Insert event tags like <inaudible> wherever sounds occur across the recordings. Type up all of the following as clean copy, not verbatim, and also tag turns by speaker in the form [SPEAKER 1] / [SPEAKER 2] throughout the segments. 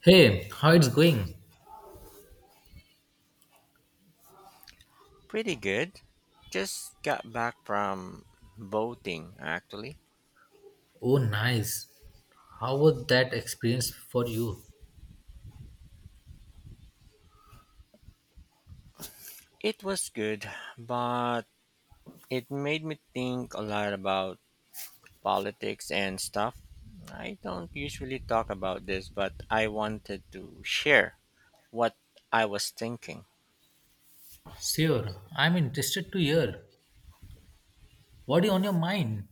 [SPEAKER 1] Hey, how it's going?
[SPEAKER 2] Pretty good. Just got back from boating, actually.
[SPEAKER 1] Oh, nice. How was that experience for you?
[SPEAKER 2] It was good, but it made me think a lot about politics and stuff. I don't usually talk about this, but I wanted to share what I was thinking.
[SPEAKER 1] Sure, I'm interested to hear. What is on your mind?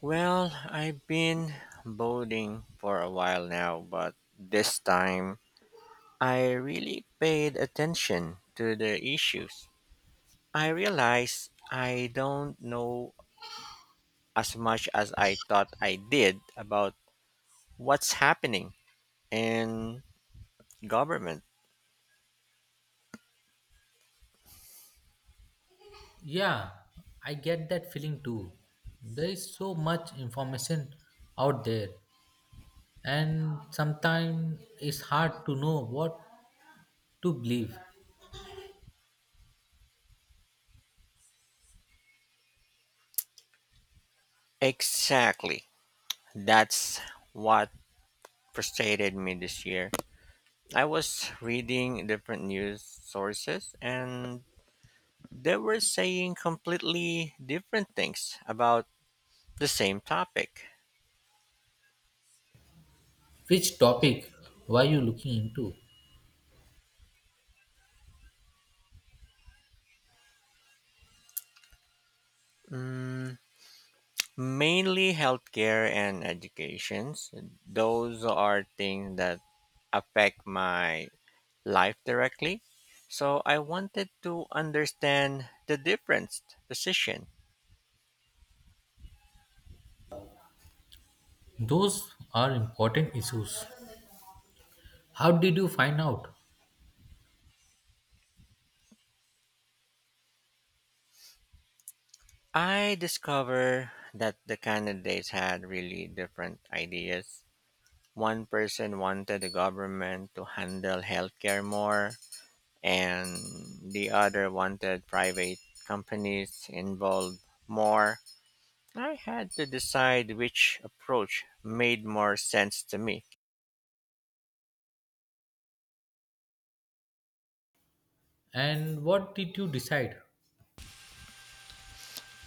[SPEAKER 2] Well, I've been boating for a while now, but this time I really paid attention to the issues. I realized I don't know as much as I thought I did about what's happening in government.
[SPEAKER 1] Yeah, I get that feeling too. There is so much information out there, and sometimes it's hard to know what to believe.
[SPEAKER 2] Exactly. That's what frustrated me this year. I was reading different news sources and they were saying completely different things about the same topic.
[SPEAKER 1] Which topic were you looking into?
[SPEAKER 2] Mm, mainly healthcare and educations. Those are things that affect my life directly. So I wanted to understand the difference position.
[SPEAKER 1] Those are important issues. How did you find out?
[SPEAKER 2] I discovered that the candidates had really different ideas. One person wanted the government to handle healthcare more, and the other wanted private companies involved more. I had to decide which approach made more sense to me.
[SPEAKER 1] And what did you decide?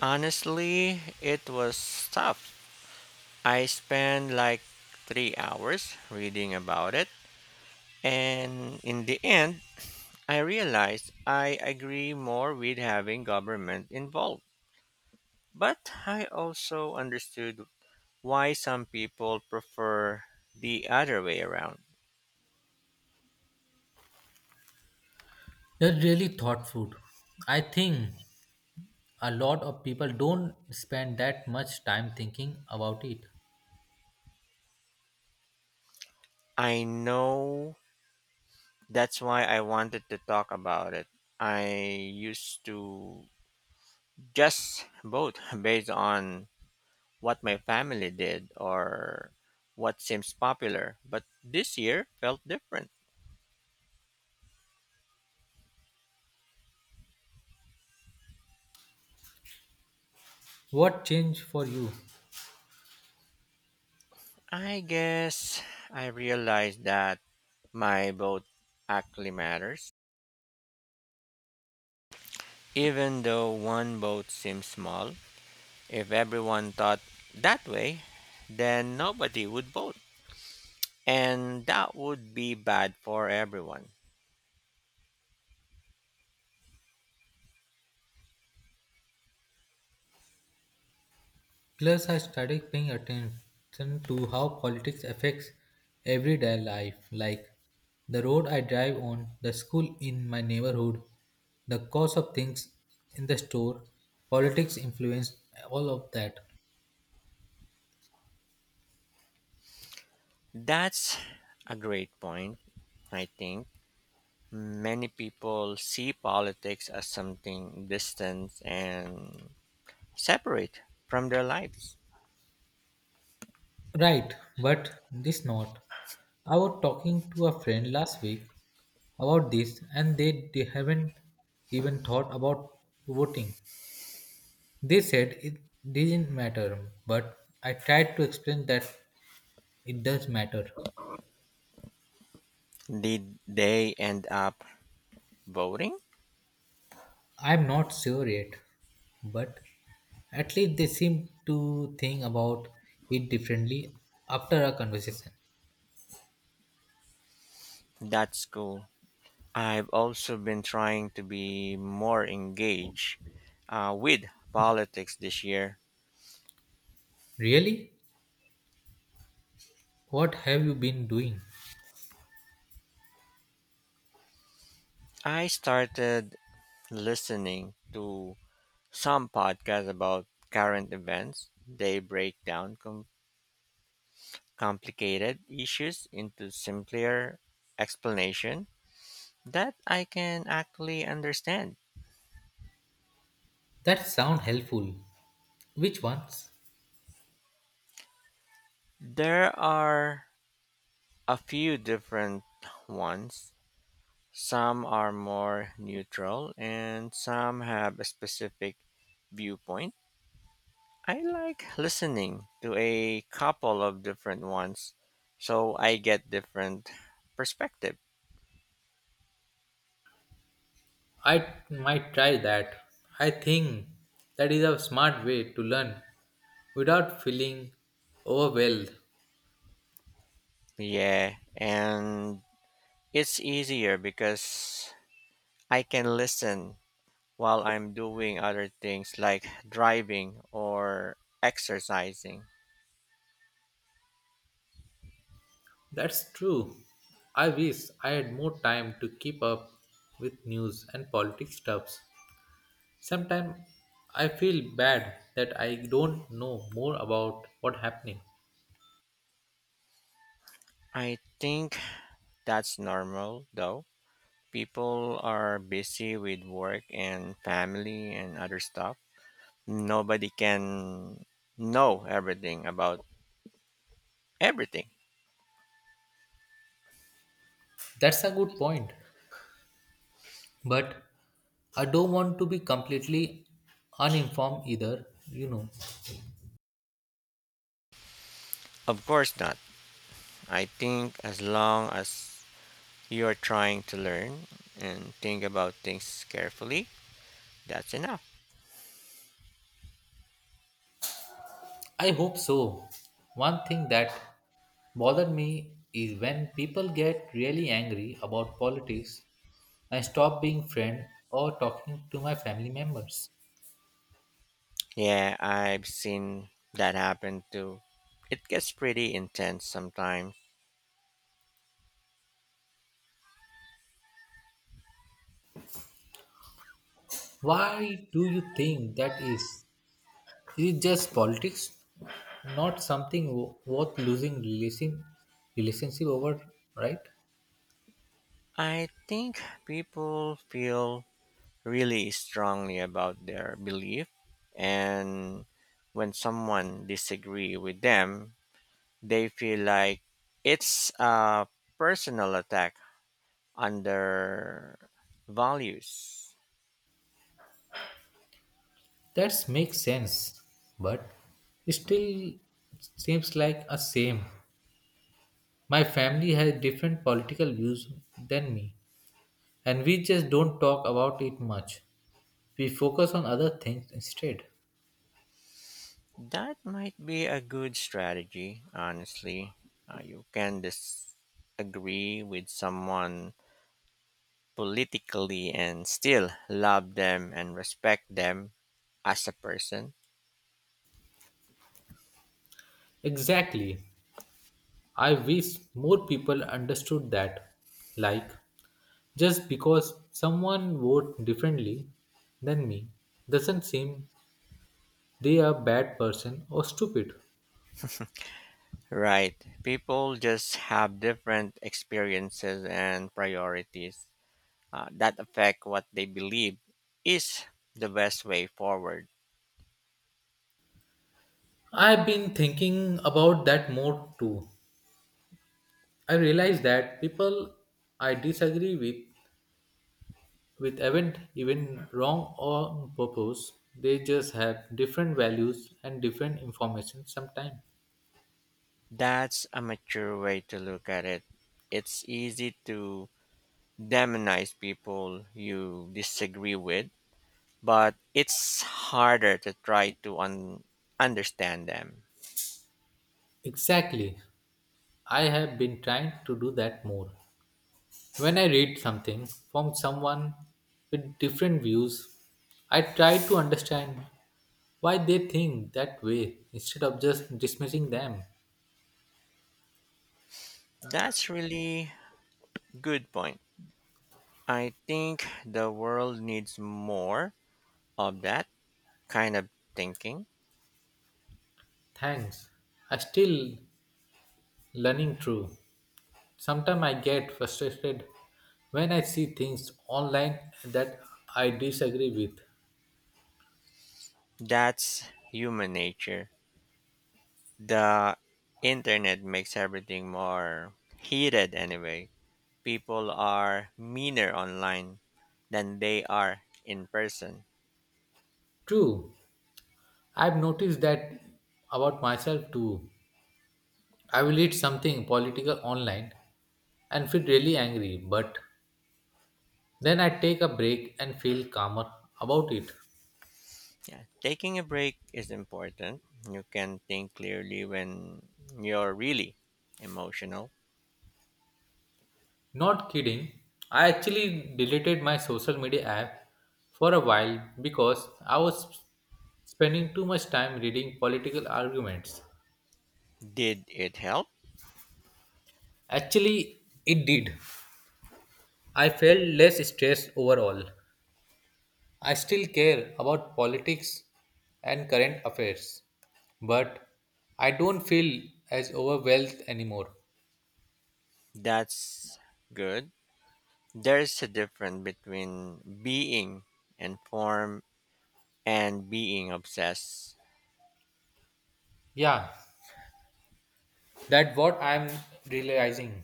[SPEAKER 2] Honestly, it was tough. I spent like 3 hours reading about it, and in the end, I realized I agree more with having government involved. But I also understood why some people prefer the other way around.
[SPEAKER 1] They're really thought food. I think a lot of people don't spend that much time thinking about it.
[SPEAKER 2] I know, that's why I wanted to talk about it. I used to just vote <laughs> based on what my family did or what seems popular, but this year felt different.
[SPEAKER 1] What changed for you?
[SPEAKER 2] I guess I realized that my vote actually matters. Even though one vote seems small, if everyone thought that way, then nobody would vote. And that would be bad for everyone.
[SPEAKER 1] Plus, I started paying attention to how politics affects everyday life, like the road I drive on, the school in my neighborhood, the cost of things in the store. Politics influence all of that.
[SPEAKER 2] That's a great point, I think. Many people see politics as something distant and separate from their lives.
[SPEAKER 1] Right, but this not. I was talking to a friend last week about this and they haven't even thought about voting. They said it didn't matter, but I tried to explain that it does matter.
[SPEAKER 2] Did they end up voting?
[SPEAKER 1] I'm not sure yet, but at least they seem to think about it differently after our conversation.
[SPEAKER 2] That's cool. I've also been trying to be more engaged with politics this year.
[SPEAKER 1] Really? What have you been doing?
[SPEAKER 2] I started listening to some podcasts about current events. They break down complicated issues into simpler explanation that I can actually understand.
[SPEAKER 1] That sound helpful. Which ones?
[SPEAKER 2] There are a few different ones. Some are more neutral and some have a specific viewpoint. I like listening to a couple of different ones so I get different perspective.
[SPEAKER 1] I might try that. I think that is a smart way to learn without feeling overwhelmed.
[SPEAKER 2] Yeah, and it's easier because I can listen while I'm doing other things like driving or exercising.
[SPEAKER 1] That's true. I wish I had more time to keep up with news and politics stuffs. Sometimes I feel bad that I don't know more about what's happening.
[SPEAKER 2] I think that's normal though. People are busy with work and family and other stuff. Nobody can know everything about everything.
[SPEAKER 1] That's a good point. But I don't want to be completely uninformed either,
[SPEAKER 2] Of course not. I think as long as you're trying to learn and think about things carefully, that's enough.
[SPEAKER 1] I hope so. One thing that bothered me is when people get really angry about politics and stop being friend or talking to my family members.
[SPEAKER 2] Yeah, I've seen that happen too. It gets pretty intense sometimes.
[SPEAKER 1] Why do you think that is? Is it just politics? Not something worth losing relation, relationship over, right?
[SPEAKER 2] I think people feel really strongly about their belief, and when someone disagree with them they feel like it's a personal attack on their values.
[SPEAKER 1] That makes sense, but it still seems like a shame. My family has different political views than me, and we just don't talk about it much. We focus on other things instead.
[SPEAKER 2] That might be a good strategy, honestly. You can disagree with someone politically and still love them and respect them as a person.
[SPEAKER 1] Exactly. I wish more people understood that. Like, just because someone vote differently than me doesn't seem they are bad person or stupid.
[SPEAKER 2] Right. People just have different experiences and priorities, that affect what they believe is the best way forward.
[SPEAKER 1] I've been thinking about that more too. I realize that people I disagree with event even wrong on purpose, they just have different values and different information sometimes.
[SPEAKER 2] That's a mature way to look at it. It's easy to demonize people you disagree with, but it's harder to try to understand them.
[SPEAKER 1] Exactly. I have been trying to do that more. When I read something from someone with different views, I try to understand why they think that way instead of just dismissing them.
[SPEAKER 2] That's really good point. I think the world needs more of that kind of thinking.
[SPEAKER 1] Thanks. I still learning through. Sometimes I get frustrated when I see things online that I disagree with.
[SPEAKER 2] That's human nature. The internet makes everything more heated anyway. People are meaner online than they are in person.
[SPEAKER 1] True, I've noticed that about myself too. I will read something political online and feel really angry, but then I take a break and feel calmer about it.
[SPEAKER 2] Yeah, taking a break is important. You can think clearly when you're really emotional.
[SPEAKER 1] Not kidding, I actually deleted my social media app for a while because I was spending too much time reading political arguments.
[SPEAKER 2] Did it help?
[SPEAKER 1] Actually, it did. I felt less stressed overall. I still care about politics and current affairs, but I don't feel as overwhelmed anymore.
[SPEAKER 2] That's good. There's a difference between being informed and being obsessed.
[SPEAKER 1] Yeah, that's what I'm realizing.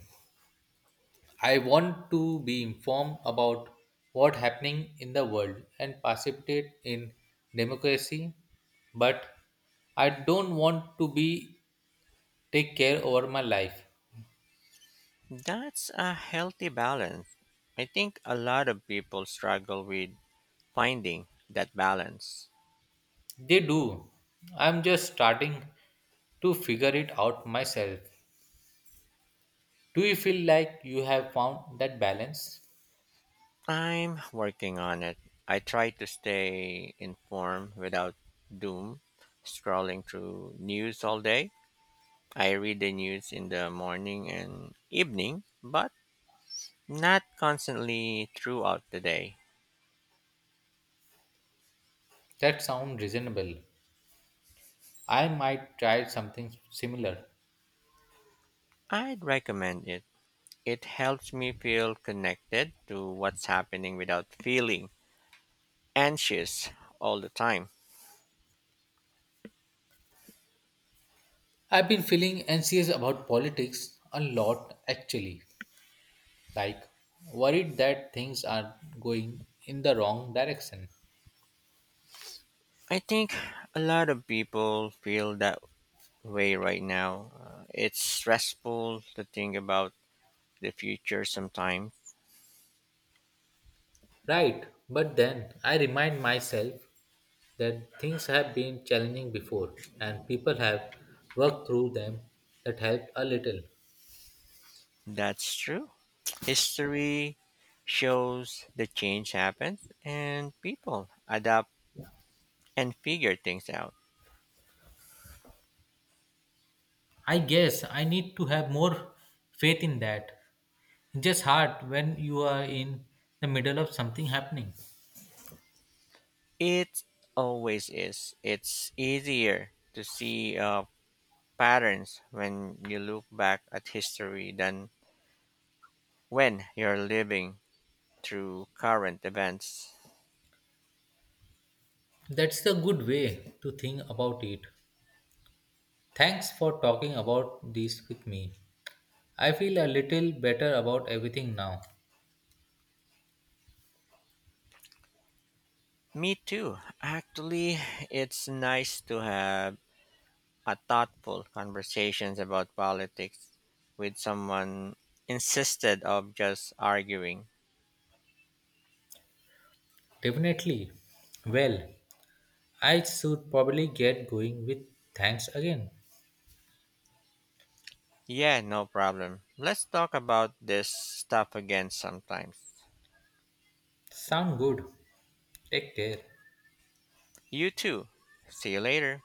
[SPEAKER 1] I want to be informed about what's happening in the world and participate in democracy, but I don't want to be take care over my life.
[SPEAKER 2] That's a healthy balance. I think a lot of people struggle with finding that balance.
[SPEAKER 1] They do. I'm just starting to figure it out myself. Do you feel like you have found that balance?
[SPEAKER 2] I'm working on it. I try to stay informed without doom scrolling through news all day. I read the news in the morning and evening, but not constantly throughout the day.
[SPEAKER 1] That sounds reasonable. I might try something similar.
[SPEAKER 2] I'd recommend it. It helps me feel connected to what's happening without feeling anxious all the time.
[SPEAKER 1] I've been feeling anxious about politics a lot actually, like worried that things are going in the wrong direction.
[SPEAKER 2] I think a lot of people feel that way right now. It's stressful to think about the future sometimes.
[SPEAKER 1] Right, but then I remind myself that things have been challenging before and people have worked through them, that helped a little.
[SPEAKER 2] That's true. History shows the change happens and people adapt and figure things out.
[SPEAKER 1] I guess I need to have more faith in that. It's just hard when you are in the middle of something happening.
[SPEAKER 2] It always is. It's easier to see patterns when you look back at history than when you're living through current events.
[SPEAKER 1] That's the good way to think about it. Thanks for talking about this with me. I feel a little better about everything now.
[SPEAKER 2] Me too. Actually, it's nice to have a thoughtful conversations about politics with someone instead of just arguing.
[SPEAKER 1] Definitely. Well, I should probably get going with thanks again.
[SPEAKER 2] Yeah, no problem. Let's talk about this stuff again sometimes.
[SPEAKER 1] Sound good. Take care.
[SPEAKER 2] You too. See you later.